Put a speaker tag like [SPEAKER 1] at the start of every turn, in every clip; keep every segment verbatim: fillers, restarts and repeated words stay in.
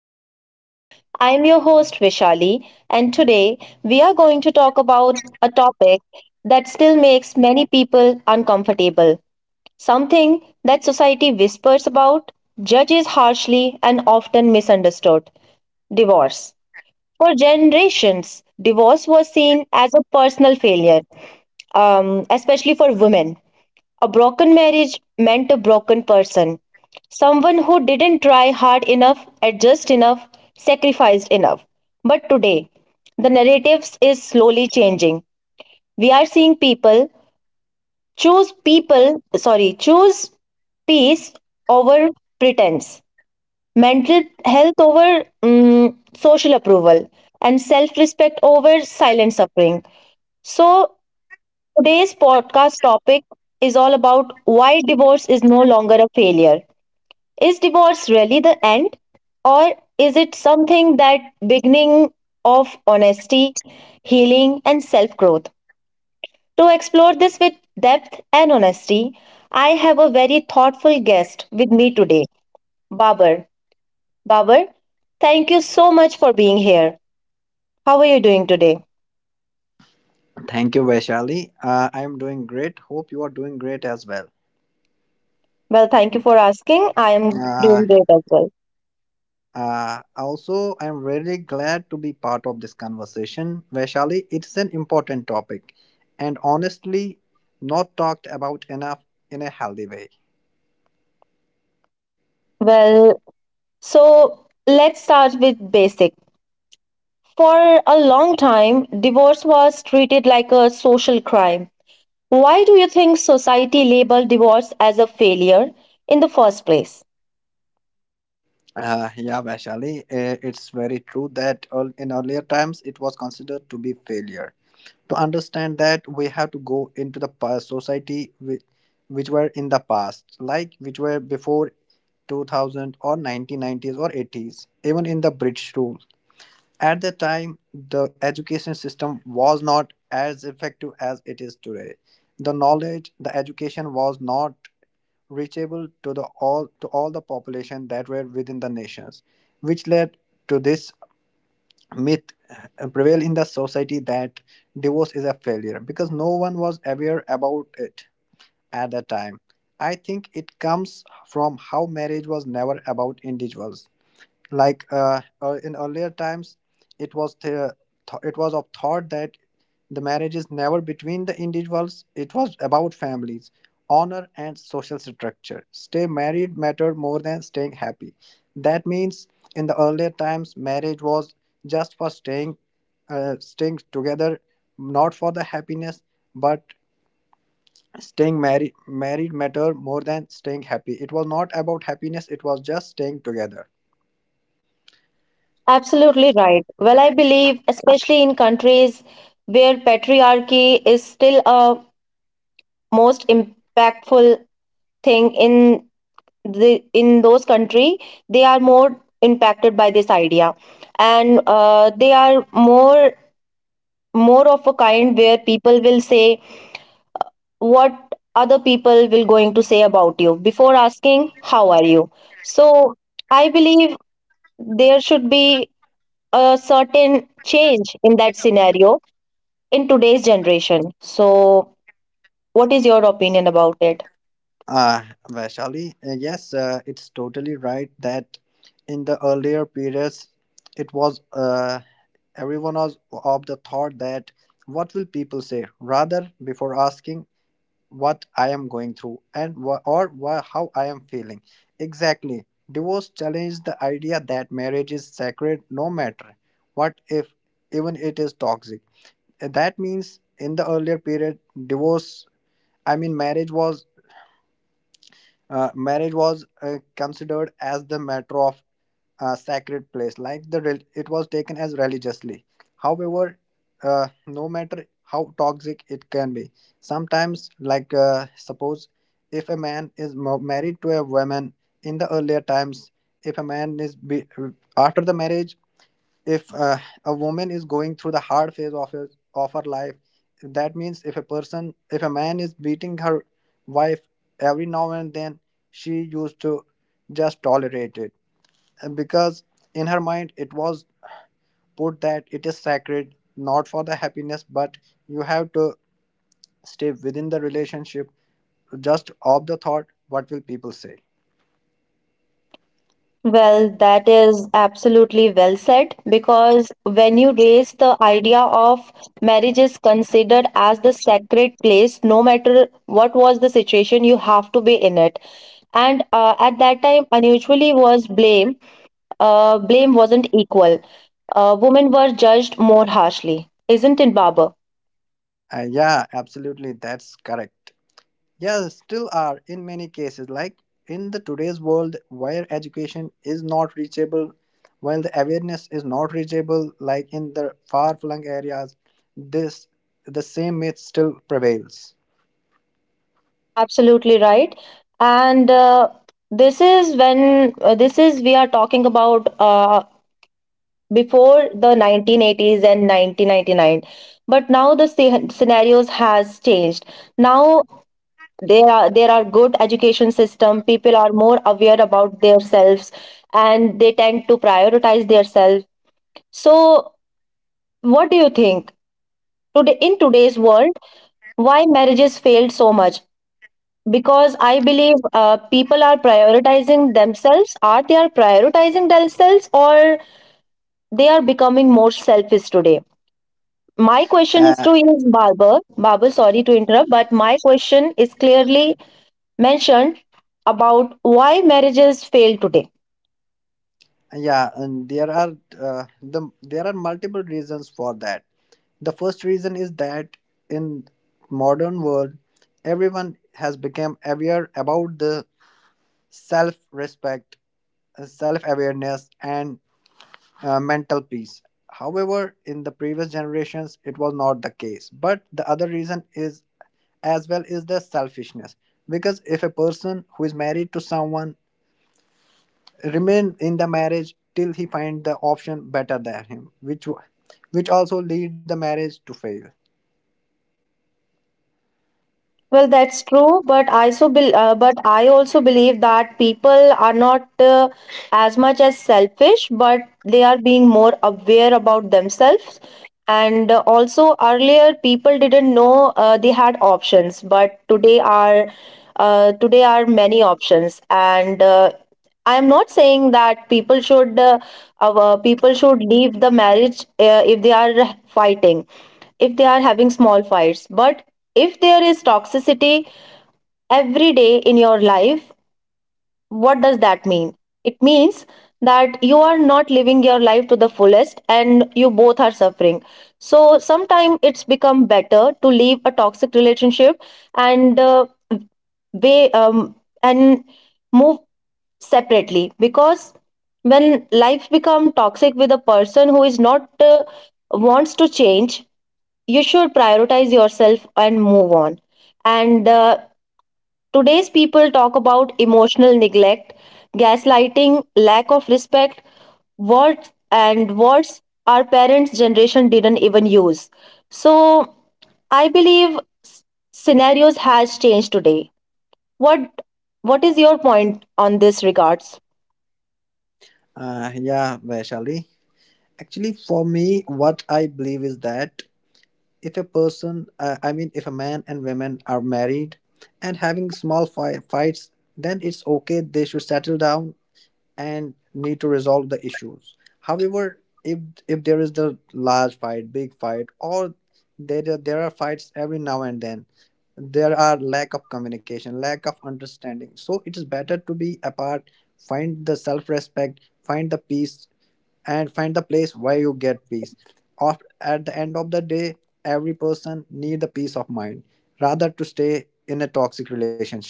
[SPEAKER 1] podcast. I'm your host, Vishali, and today we are going to talk about a topic that still makes many people uncomfortable, something that society whispers about, judges harshly, and often misunderstood divorce. For generations, divorce was seen as a personal failure, um, especially for women. A broken marriage meant a broken person. Someone who didn't try hard enough, adjust enough, sacrificed enough. But today, the narratives is slowly changing. We are seeing people choose people, sorry, choose peace over pretense, mental health over mm, social approval, and self respect over silent suffering. So, today's podcast topic is all about why divorce is no longer a failure. Is divorce really the end, or is it something that beginning of honesty, healing, and self growth? To explore this with depth and honesty, I have a very thoughtful guest with me today, Babar. Babar, thank you so much for being here. How are you doing today?
[SPEAKER 2] Thank you, Vaishali. Uh, I am doing great. Hope you are doing great as well.
[SPEAKER 1] Well, thank you for asking. I am
[SPEAKER 2] Uh,
[SPEAKER 1] doing great as well.
[SPEAKER 2] uh, also, I am really glad to be part of this conversation, Vaishali. It's an important topic and honestly not talked about enough in a healthy way.
[SPEAKER 1] Well, so let's start with basic. For a long time, divorce was treated like a social crime. Why do you think society labeled divorce as a failure in the first place?
[SPEAKER 2] Uh, yeah, Vaishali, uh, it's very true that earl- in earlier times it was considered to be failure. To understand that we have to go into the past society which, which were in the past, like which were before two thousand or nineteen nineties or eighties, even in the British rule. At the time the education system was not as effective as it is today. The knowledge, the education was not reachable to the all to all the population that were within the nations, which led to this myth uh, prevail in the society, that divorce is a failure because no one was aware about it at the time. I think it comes from how marriage was never about individuals. Like uh, uh, in earlier times it was the th- it was of thought that the marriage is never between the individuals, it was about families, honor and social structure. Stay married mattered more than staying happy. That means in the earlier times marriage was just for staying, uh, staying together, not for the happiness, but staying married. Married mattered more than staying happy. It was not about happiness, it was just staying together.
[SPEAKER 1] Absolutely right. Well, I believe, especially in countries where patriarchy is still a most impactful thing in the in those country, they are more impacted by this idea, and uh, they are more more of a kind where people will say what other people will going to say about you before asking how are you, so I believe there should be a certain change in that scenario in today's generation. So what is your opinion about it?
[SPEAKER 2] Uh, Vaishali, uh, yes, uh, it's totally right that in the earlier periods, it was uh, everyone was of the thought that what will people say, rather before asking what I am going through, and wha- or wha- how I am feeling. Exactly, divorce challenged the idea that marriage is sacred no matter what, if even it is toxic. Uh, That means in the earlier period, divorce. I mean, marriage was uh, marriage was uh, considered as the matter of uh, sacred place, like the rel- it was taken as religiously. However, uh, no matter how toxic it can be, sometimes, like uh, suppose if a man is mo- married to a woman in the earlier times, if a man is be- after the marriage, if uh, a woman is going through the hard phase of his, of her life, that means if a person if a man is beating her wife every now and then, she used to just tolerate it. And because in her mind it was put that it is sacred, not for the happiness, but you have to stay within the relationship, just of the thought what will people say.
[SPEAKER 1] Well, that is absolutely well said, because when you raise the idea of marriage is considered as the sacred place no matter what was the situation you have to be in it. And uh, at that time unusually was blame, uh, blame wasn't equal. Uh, women were judged more harshly, isn't it, Baba?
[SPEAKER 2] Uh, yeah, absolutely that's correct. Yeah, still are in many cases. Like in the today's world where education is not reachable, while the awareness is not reachable, like in the far-flung areas, this the same myth still prevails.
[SPEAKER 1] Absolutely right. And uh, this is when uh, this is we are talking about uh, before the nineteen eighties and nineteen ninety-nine. But now the sce- scenarios has changed. Now there are there are good education system, people are more aware about themselves, and they tend to prioritize themselves. So, what do you think today in today's world? Why marriages failed so much? Because I believe uh, people are prioritizing themselves. Are they are prioritizing themselves, or they are becoming more selfish today? My question is
[SPEAKER 2] Uh,
[SPEAKER 1] to is Barber. Barber, sorry to interrupt, but my question is clearly mentioned about why marriages fail today.
[SPEAKER 2] yeah, and there are uh, the there are multiple reasons for that. The first reason is that in modern world, everyone has become aware about the self-respect, uh, self-awareness, and uh, mental peace. However, in the previous generations, it was not the case. But the other reason is as well is the selfishness. Because if a person who is married to someone remain in the marriage till he find the option better than him, which wa- which also lead the marriage to fail.
[SPEAKER 1] Well, that's true, but I so bel uh, but I also believe that people are not uh, as much as selfish, but they are being more aware about themselves. And uh, also earlier, people didn't know uh, they had options, but today are uh, today are many options. And uh, I am not saying that people should uh, uh, people should leave the marriage uh, if they are fighting, if they are having small fights. But if there is toxicity every day in your life, what does that mean? It means that you are not living your life to the fullest and you both are suffering. So sometimes it's become better to leave a toxic relationship and uh, way um, and move separately, because when life become toxic with a person who is not uh, wants to change, you should prioritize yourself and move on. And uh, today's people talk about emotional neglect, gaslighting, lack of respect, words and words our parents' generation didn't even use. So I believe s- scenarios has changed today. What what is your point on this regards?
[SPEAKER 2] Uh, yeah, Vaishali. Actually, for me, what I believe is that if a person uh, I mean, if a man and women are married and having small fi- fights, then it's okay, they should settle down and need to resolve the issues. However, if if there is the large fight, big fight, or there are- there are fights every now and then, there are lack of communication, lack of understanding. So it is better to be apart, find the self respect, find the peace, and find the place where you get peace. Of at the end of the day, every person need the peace of mind rather to stay in a toxic relationship.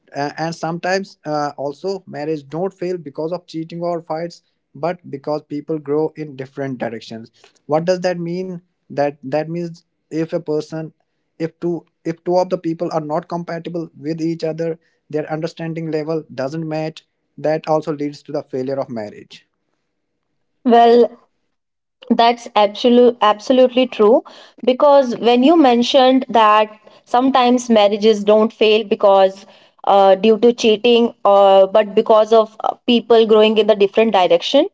[SPEAKER 2] A- and sometimes uh, also marriage don't fail because of cheating or fights but because people grow in different directions. What does that mean? That that means if a person, if two if two of the people are not compatible with each other, their understanding level doesn't match, that also leads to the failure of marriage.
[SPEAKER 1] Well, that's absolute, absolutely true. Because when you mentioned that sometimes marriages don't fail because uh, due to cheating, or but because of uh, people growing in the different direction,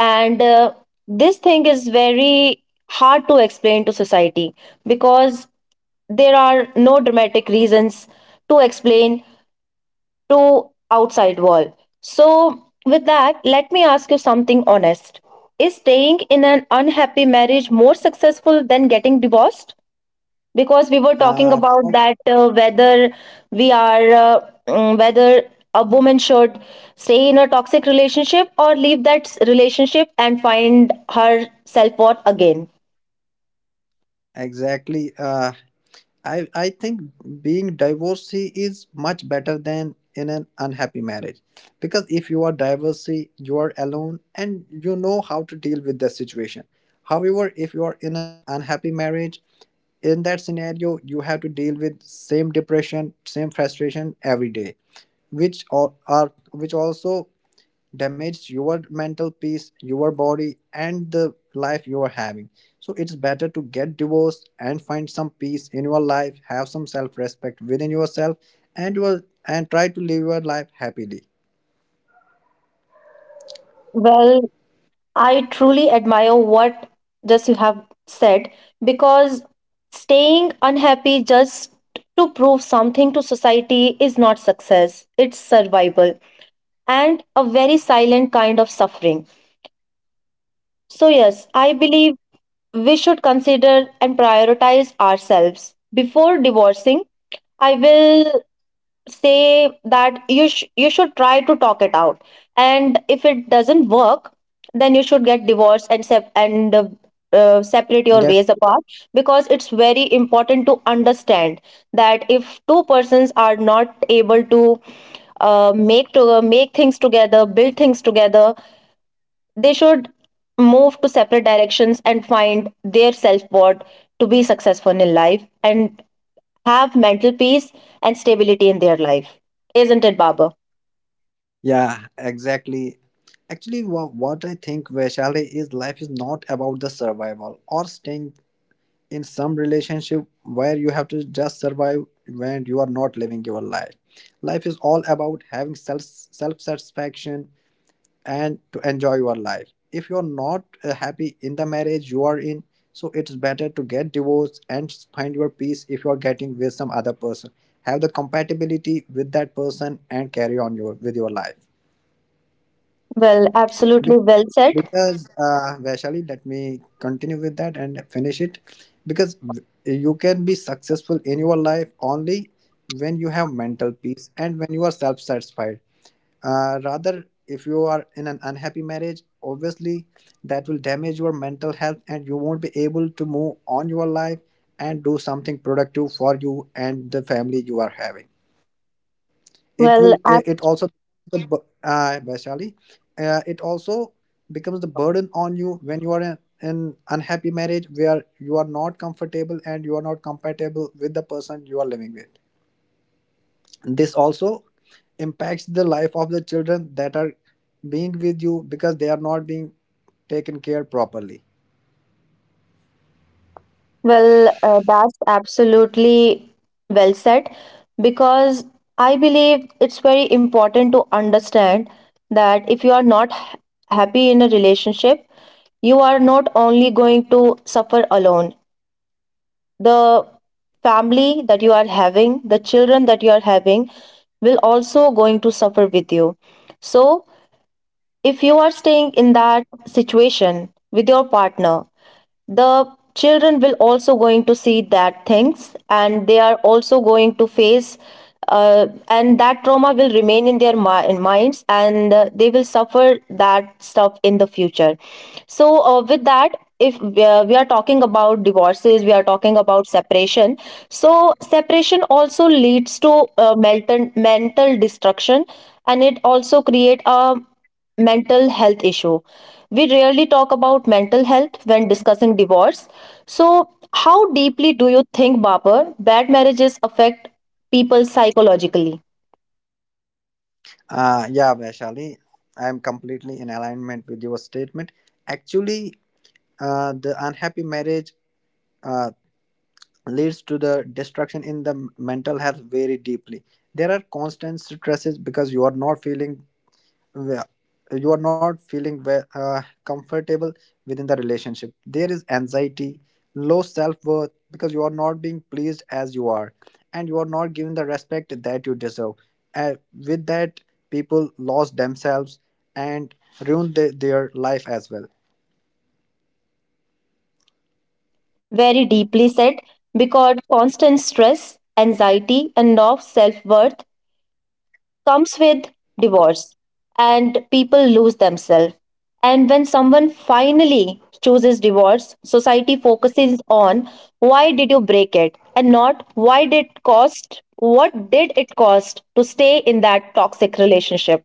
[SPEAKER 1] and uh, this thing is very hard to explain to society, because there are no dramatic reasons to explain to outside world. So, with that, let me ask you something honest. Is staying in an unhappy marriage more successful than getting divorced? Because we were talking
[SPEAKER 2] Uh,
[SPEAKER 1] about
[SPEAKER 2] for-
[SPEAKER 1] that uh, whether we are uh, mm, whether a woman should stay in a toxic relationship or leave that s- relationship and find her self worth again.
[SPEAKER 2] exactly. Uh, I I think being divorcee is much better than in an unhappy marriage, because if you are divorcee, you are alone and you know how to deal with the situation. However, if you are in an unhappy marriage, in that scenario, you have to deal with same depression, same frustration every day, which all are which also damage your mental peace, your body, and the life you are having. So it's better to get divorced and find some peace in your life, have some self-respect within yourself, and your and try to live your life happily.
[SPEAKER 1] Well, I truly admire what just you have said, because staying unhappy just to prove something to society is not success. It's survival and a very silent kind of suffering. So yes, I believe we should consider and prioritize ourselves. Before divorcing, I will say that you sh- you should try to talk it out, and if it doesn't work, then you should get divorced and sep- and uh, uh, separate your
[SPEAKER 2] Get
[SPEAKER 1] ways apart, because it's very important to understand that if two persons are not able to uh, make to uh, make things together, build things together, they should move to separate directions and find their self-worth to be successful in life and have mental peace and stability in their life. Isn't it, Baba?
[SPEAKER 2] yeah, exactly. Actually, what, what I think, Vaishali, is life is not about the survival or staying in some relationship where you have to just survive when you are not living your life. Life is all about having self self satisfaction, and to enjoy your life. If you're not uh, happy in the marriage you are in, so it's better to get divorced and find your peace if you're getting with some other person. Have the compatibility with that person and carry on your with your life.
[SPEAKER 1] Well, absolutely
[SPEAKER 2] Bec-
[SPEAKER 1] well said.
[SPEAKER 2] Because uh, Vaishali, let me continue with that and finish it. Because w- you can be successful in your life only when you have mental peace and when you are self satisfied, uh, rather, if you are in an unhappy marriage, obviously that will damage your mental health and you won't be able to move on your life and do something productive for you and the family you are having. It will,
[SPEAKER 1] Well,
[SPEAKER 2] it it also, the bu- uh, Vaishali, uh, it also becomes the burden on you when you are in an unhappy marriage where you are not comfortable and you are not compatible with the person you are living with. This also impacts the life of the children that are being with you because they are not being taken care properly.
[SPEAKER 1] Well, uh, that's absolutely well said, because I believe it's very important to understand that if you are not ha- happy in a relationship, you are not only going to suffer alone. The family that you are having, the children that you are having, will also going to suffer with you. So, if you are staying in that situation with your partner, the children will also going to see that things and they are also going to face uh, and that trauma will remain in their mi- minds, and uh, they will suffer that stuff in the future. So uh, with that, if we are, we are talking about divorces, we are talking about separation. So separation also leads to uh, mental mental destruction, and it also create a mental health issue. We rarely talk about mental health when discussing divorce. So, how deeply do you think, Babar, bad marriages affect people psychologically?
[SPEAKER 2] uh, yeah, Vaishali, I am completely in alignment with your statement. Actually, uh, the unhappy marriage uh, leads to the destruction in the mental health very deeply. There are constant stresses because you are not feeling, where you are not feeling ve- uh, comfortable within the relationship. There is anxiety, low self-worth, because you are not being pleased as you are, and you are not given the respect that you deserve. And with that, people lost themselves and ruined the- their life as well.
[SPEAKER 1] Very deeply said, because constant stress, anxiety, and low self worth comes with divorce, and people lose themselves. And when someone finally chooses divorce, society focuses on why did you break it and not why did it cost, what did it cost to stay in that toxic relationship?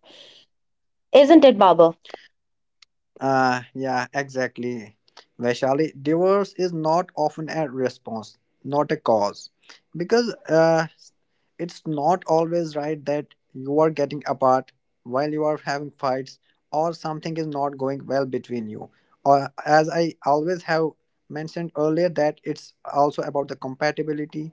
[SPEAKER 1] Isn't it, Baba?
[SPEAKER 2] Uh, yeah, exactly. Vaishali, divorce is not often a response, not a cause. Because uh, it's not always right that you are getting apart while you are having fights or something is not going well between you. Or as I always have mentioned earlier, that it's also about the compatibility,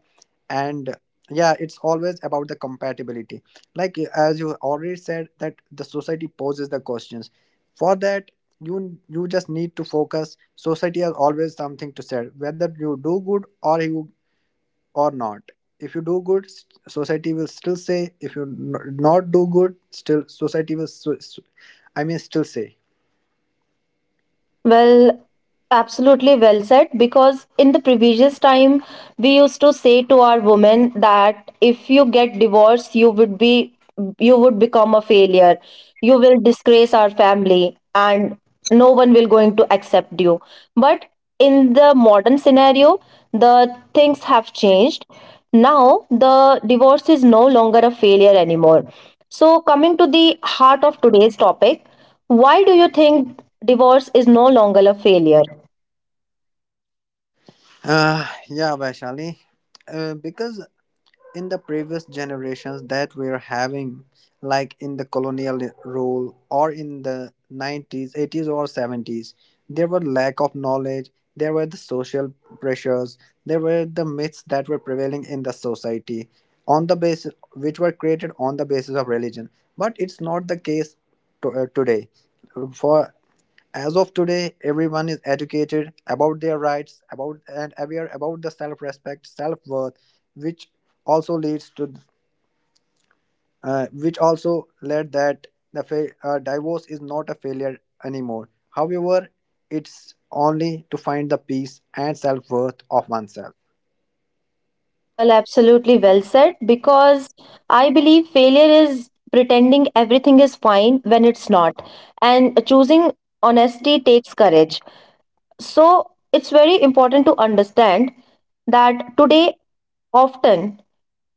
[SPEAKER 2] and yeah, it's always about the compatibility. Like as you already said, that the society poses the questions. For that, you you just need to focus. Society has always something to say whether you do good or you or not. If you do good, s- society will still say. If you n- not do good, still society will s- s- i mean still say.
[SPEAKER 1] Well, absolutely well said. Because in the previous time, we used to say to our women that if you get divorced, you would be you would become a failure. You will disgrace our family, and no one will going to accept you. But in the modern scenario, the things have changed. Now the divorce is no longer a failure anymore. So coming to the heart of today's topic, why do you think divorce is no longer a failure?
[SPEAKER 2] uh, yeah, Vaishali, uh, because in the previous generations that we're having, like in the colonial rule or in the nineties, eighties, or seventies, there were lack of knowledge, there were the social pressures, there were the myths that were prevailing in the society on the basis which were created on the basis of religion. But it's not the case to, uh, today. For as of today, everyone is educated about their rights, about and aware about the self-respect, self-worth, which also leads to, uh, which also led that the fa- uh, divorce is not a failure anymore. However, it's only to find the peace and self-worth of oneself.
[SPEAKER 1] Well, absolutely well said, because I believe failure is pretending everything is fine when it's not. And choosing honesty takes courage. So it's very important to understand that today, often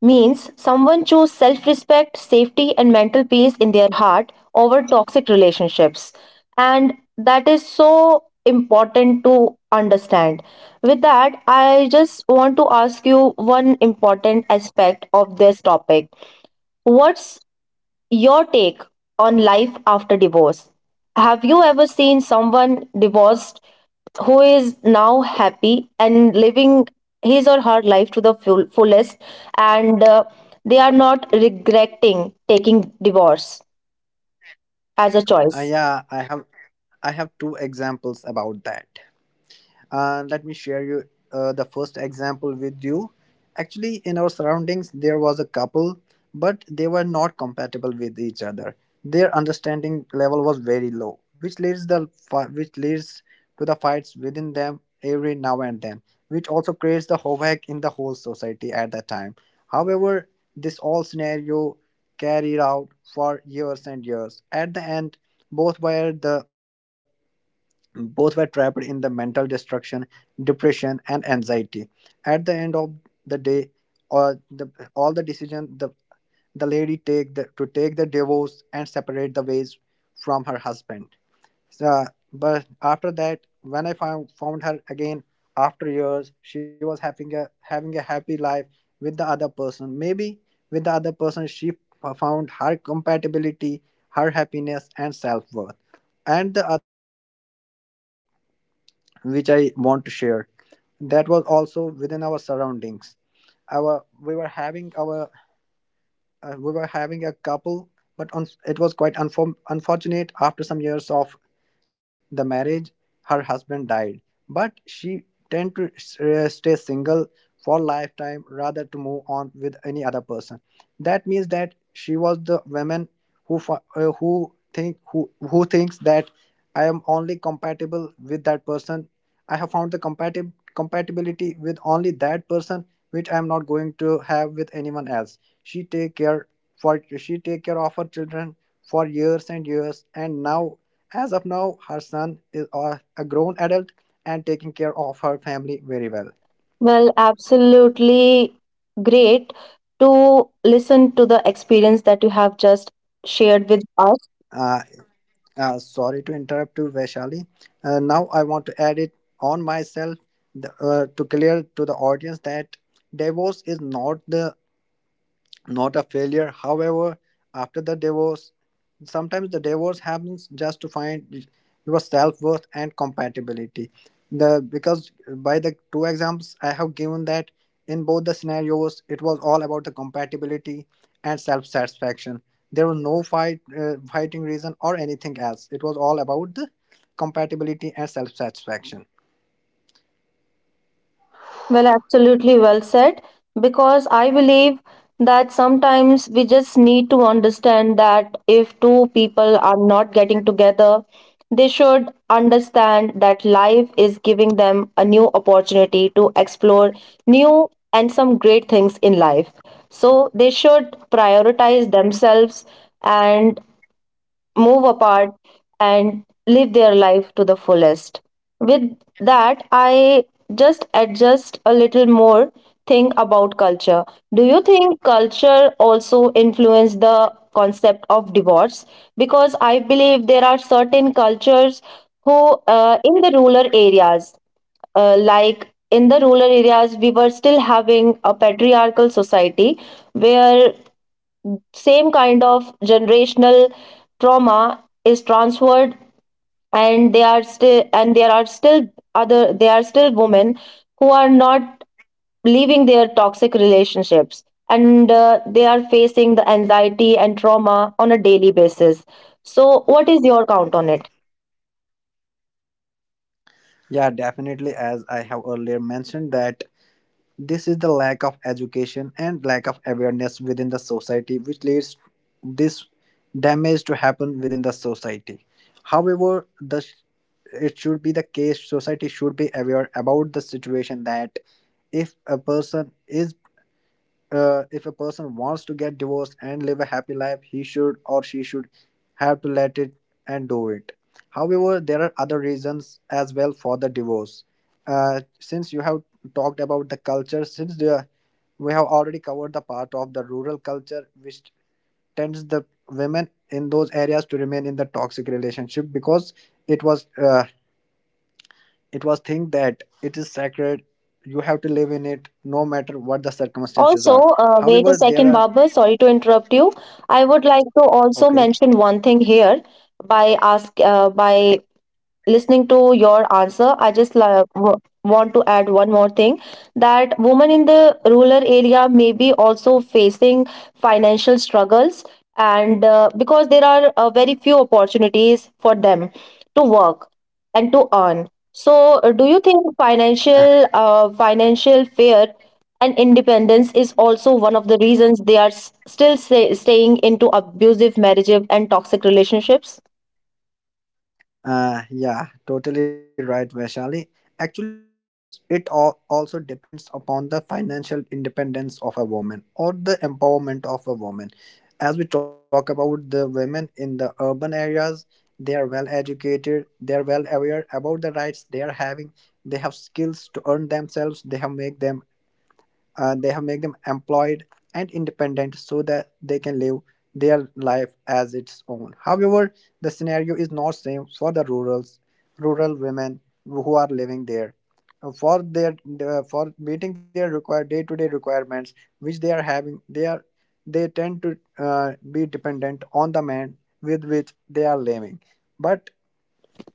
[SPEAKER 1] means someone choose self-respect, safety and mental peace in their heart over toxic relationships. And that is so important to understand. With that, I just want to ask you one important aspect of this topic. What's your take on life after divorce? Have you ever seen someone divorced who is now happy and living his or her life to the full, fullest, and uh, they are not regretting taking divorce as a
[SPEAKER 2] Uh,
[SPEAKER 1] choice?
[SPEAKER 2] yeah, I have, I have two examples about that. And let me share you uh, the first example with you. Actually, in our surroundings there was a couple, but they were not compatible with each other. Their understanding level was very low, which leads the fi- which leads to the fights within them every now and then, which also creates the havoc in the whole society at that time. However, this all scenario carried out for years and years. At the end, both were the both were trapped in the mental destruction, depression, and anxiety. At the end of the day, or the all the decision the the lady take the, to take the divorce and separate the ways from her husband. So, but after that, when I found found her again after years, she was having a having a happy life with the other person. Maybe with the other person, she found her compatibility, her happiness, and self worth. And the other thing is that which I want to share. That was also within our surroundings. Our We were having our uh, we were having a couple, but un- it was quite unform unfortunate after some years of the marriage, her husband died, but she tend to s- uh, stay single for lifetime rather to move on with any other person. That means that she was the woman who fo- uh, who think who who thinks that I am only compatible with that person. I have found the compatib- compatibility with only that person, which I am not going to have with anyone else. She take care for she take care of her children for years and years, and now as of now, her son is a a grown adult and taking care of her family very well.
[SPEAKER 1] Well, absolutely great to listen to the experience that you have just shared with us.
[SPEAKER 2] Uh, uh, Sorry to interrupt you, Vaishali. Uh, now I want to add it on myself the, uh, to clear to the audience that divorce is not the not a failure. However, after the divorce, sometimes the divorce happens just to find your self worth and compatibility. The Because by the two examples I have given that in both the scenarios it was all about the compatibility and self satisfaction. There was no fight uh, fighting reason or anything else. It was all about the compatibility and self satisfaction.
[SPEAKER 1] Well, absolutely well said. Because I believe that sometimes we just need to understand that if two people are not getting together, they should understand that life is giving them a new opportunity to explore new and some great things in life. So they should prioritize themselves and move apart and live their life to the fullest. With that, I just adjust a little more think about culture. Do you think culture also influence the concept of divorce? Because I believe there are certain cultures who, uh, in the rural areas, uh, like in the rural areas, we were still having a patriarchal society where same kind of generational trauma is transferred, and they are still and there are still other there are still women who are not leaving their toxic relationships, and uh, they are facing the anxiety and trauma on a daily basis. So what is your count on it?
[SPEAKER 2] Yeah, definitely. As I have earlier mentioned that this is the lack of education and lack of awareness within the society, which leads this damage to happen within the society. However, the it should be the case. Society should be aware about the situation that if a person is uh, if a person wants to get divorced and live a happy life, he should or she should have to let it and do it. However, there are other reasons as well for the divorce. Uh, since you have talked about the culture, since the, we have already covered the part of the rural culture, which tends the women in those areas to remain in the toxic relationship because it was uh, it was think that it is sacred. You have to live in it no matter what the circumstances
[SPEAKER 1] Also,
[SPEAKER 2] are.
[SPEAKER 1] uh, wait a
[SPEAKER 2] However, there
[SPEAKER 1] second,
[SPEAKER 2] are
[SPEAKER 1] Babar, sorry to interrupt you. I would like to also
[SPEAKER 2] Okay.
[SPEAKER 1] mention one thing here. By ask uh, by listening to your answer, I just la- w- want to add one more thing, that women in the rural area may be also facing financial struggles, and uh, because there are uh, very few opportunities for them to work and to earn. So, uh, do you think financial uh, financial fear and independence is also one of the reasons they are s- still stay- staying into abusive marriages and toxic relationships?
[SPEAKER 2] Uh, yeah, totally right, Vaishali. Actually, it's it all also depends upon the financial independence of a woman or the empowerment of a woman. As we talk about the women in the urban areas, they are well educated, they are well aware about the rights they are having, they have skills to earn themselves, they have make them uh, they have made them employed and independent so that they can live their life as its own. However, the scenario is not same for the rurals rural women who are living there. Uh, for their uh, for meeting their required day-to-day requirements which they are having they are they tend to uh, be dependent on the man with which they are living, but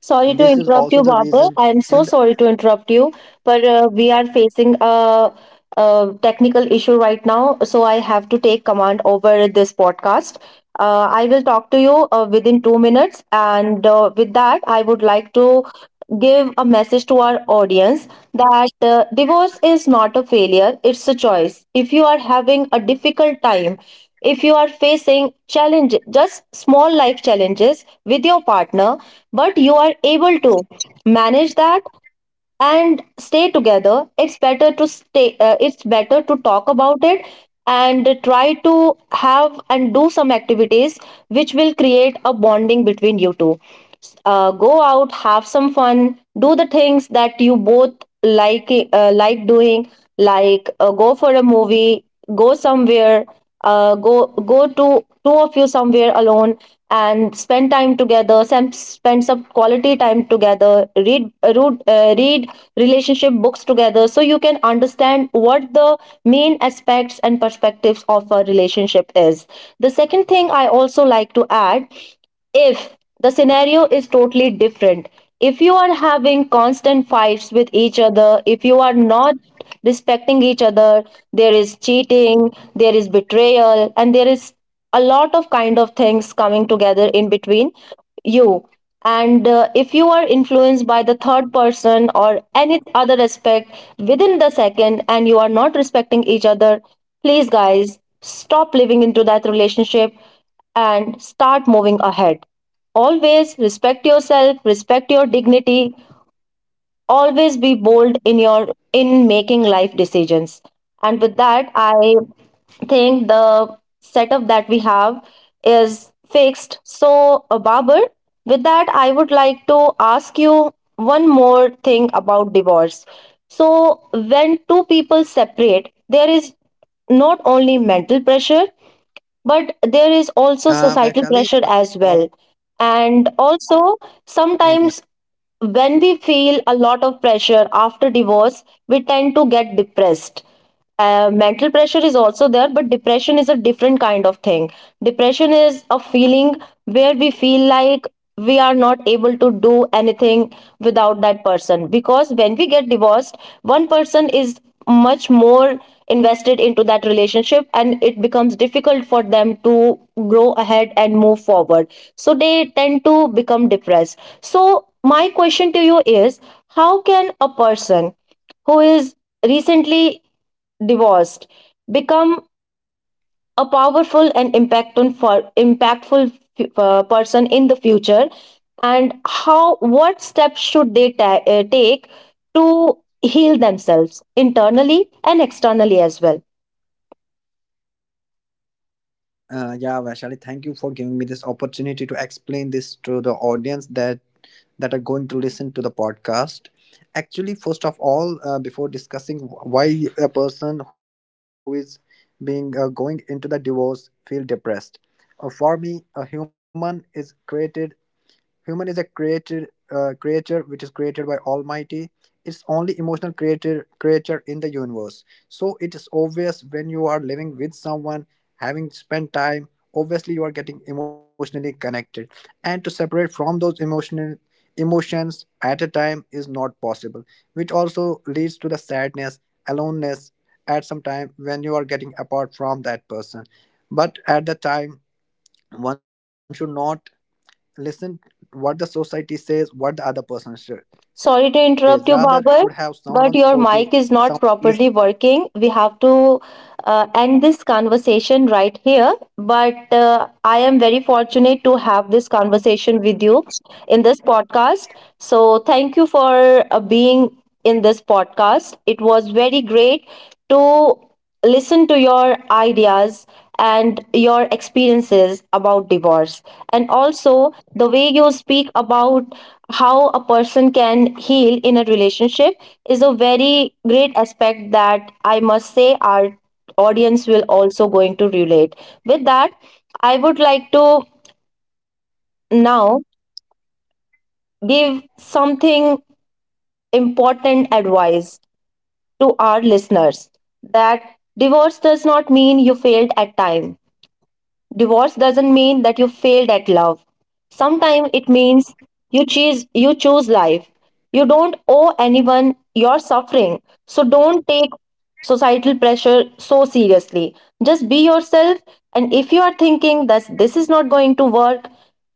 [SPEAKER 1] Sorry to
[SPEAKER 2] this is
[SPEAKER 1] interrupt you,
[SPEAKER 2] also the
[SPEAKER 1] Babar.
[SPEAKER 2] reason
[SPEAKER 1] I am so
[SPEAKER 2] in the,
[SPEAKER 1] sorry to interrupt you, but uh, we are facing a, a technical issue right now, so I have to take command over this podcast. Uh, I will talk to you uh, within two minutes, and uh, with that, I would like to give a message to our audience that uh, divorce is not a failure, it's a choice. If you are having a difficult time, if you are facing challenge, just small life challenges with your partner, but you are able to manage that and stay together, it's better to stay, uh, it's better to talk about it and try to have and do some activities which will create a bonding between you two. Uh, go out, have some fun, do the things that you both like, uh, like doing. Like, uh, go for a movie, go somewhere, uh, go go to, two of you, somewhere alone, and spend time together. Sem- spend some quality time together, read uh, read, uh, read relationship books together, so you can understand what the main aspects and perspectives of a relationship is. The second thing I also like to add: if the scenario is totally different, if you are having constant fights with each other, if you are not respecting each other, there is cheating, there is betrayal, and there is a lot of kind of things coming together in between you, and uh, if you are influenced by the third person or any other aspect within the second, and you are not respecting each other, please, guys, stop living into that relationship and start moving ahead. Always respect yourself, respect your dignity, always be bold in your, in making life decisions. And with that, I think the setup that we have is fixed. So uh, Babar, with that, I would like to ask you one more thing about divorce. So when two people separate, there is not only mental pressure, but there is also
[SPEAKER 2] uh,
[SPEAKER 1] societal pressure
[SPEAKER 2] Vaishali, uh,
[SPEAKER 1] as well.
[SPEAKER 2] sorry.
[SPEAKER 1] And also, sometimes,
[SPEAKER 2] Yeah.
[SPEAKER 1] when we feel a lot of pressure after divorce, we tend to get depressed. Uh, mental pressure is also there, but depression is a different kind of thing. Depression is a feeling where we feel like we are not able to do anything without that person, because when we get divorced, one person is much more invested into that relationship, and it becomes difficult for them to grow ahead and move forward. So they tend to become depressed. So my question to you is: how can a person who is recently divorced become a powerful and impactful for impactful uh, person in the future? And how, what steps should they ta- uh, take to heal themselves internally and externally as well?
[SPEAKER 2] Uh, yeah, Vaishali, thank you for giving me this opportunity to explain this to the audience that that are going to listen to the podcast. Actually, first of all, uh, before discussing wh- why a person who is being uh, going into the divorce feel depressed, uh, for me, a human is created human is a created uh, creature which is created by Almighty. It's only emotional creator creature in the universe. So it is obvious when you are living with someone, having spent time. Obviously, you are getting emotionally connected, and to separate from those emotional emotions at a time is not possible, which also leads to the sadness, aloneness at some time when you are getting apart from that person. But at the time, one should not listen what the society says, what the other person sh-
[SPEAKER 1] Sorry
[SPEAKER 2] says,
[SPEAKER 1] to
[SPEAKER 2] rather
[SPEAKER 1] interrupt you,
[SPEAKER 2] should have
[SPEAKER 1] Babar,
[SPEAKER 2] someone
[SPEAKER 1] but
[SPEAKER 2] supportive,
[SPEAKER 1] your mic is not
[SPEAKER 2] someone
[SPEAKER 1] properly working. We have to uh, end this conversation right here, but uh, I am very fortunate to have this conversation with you in this podcast. So, thank you for uh, being in this podcast. It was very great to listen to your ideas and your experiences about divorce, and also the way you speak about how a person can heal in a relationship is a very great aspect that I must say our audience will also going to relate with. That, I would like to now give something, important advice to our listeners: that divorce does not mean you failed at time. Divorce doesn't mean that you failed at love. Sometimes it means you choose you choose life. You don't owe anyone your suffering. So don't take societal pressure so seriously. Just be yourself, and if you are thinking that this is not going to work,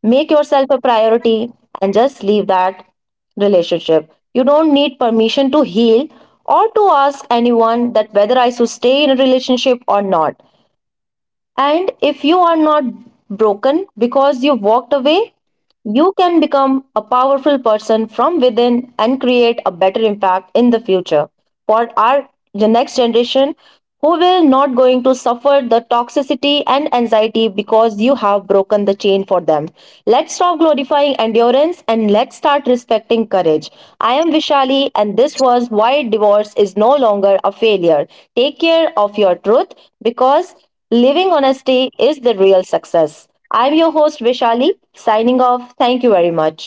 [SPEAKER 1] make yourself a priority and just leave that relationship. You don't need permission to heal or to ask anyone that whether I should stay in a relationship or not. And if you are not broken because you walked away, you can become a powerful person from within and create a better impact in the future for our, the next generation, who will not going to suffer the toxicity and anxiety because you have broken the chain for them. Let's stop glorifying endurance, and let's start respecting courage. I am Vishali, and this was why divorce is no longer a failure. Take care of your truth, because living honesty is the real success. I'm your host, Vishali, signing off. Thank you very much.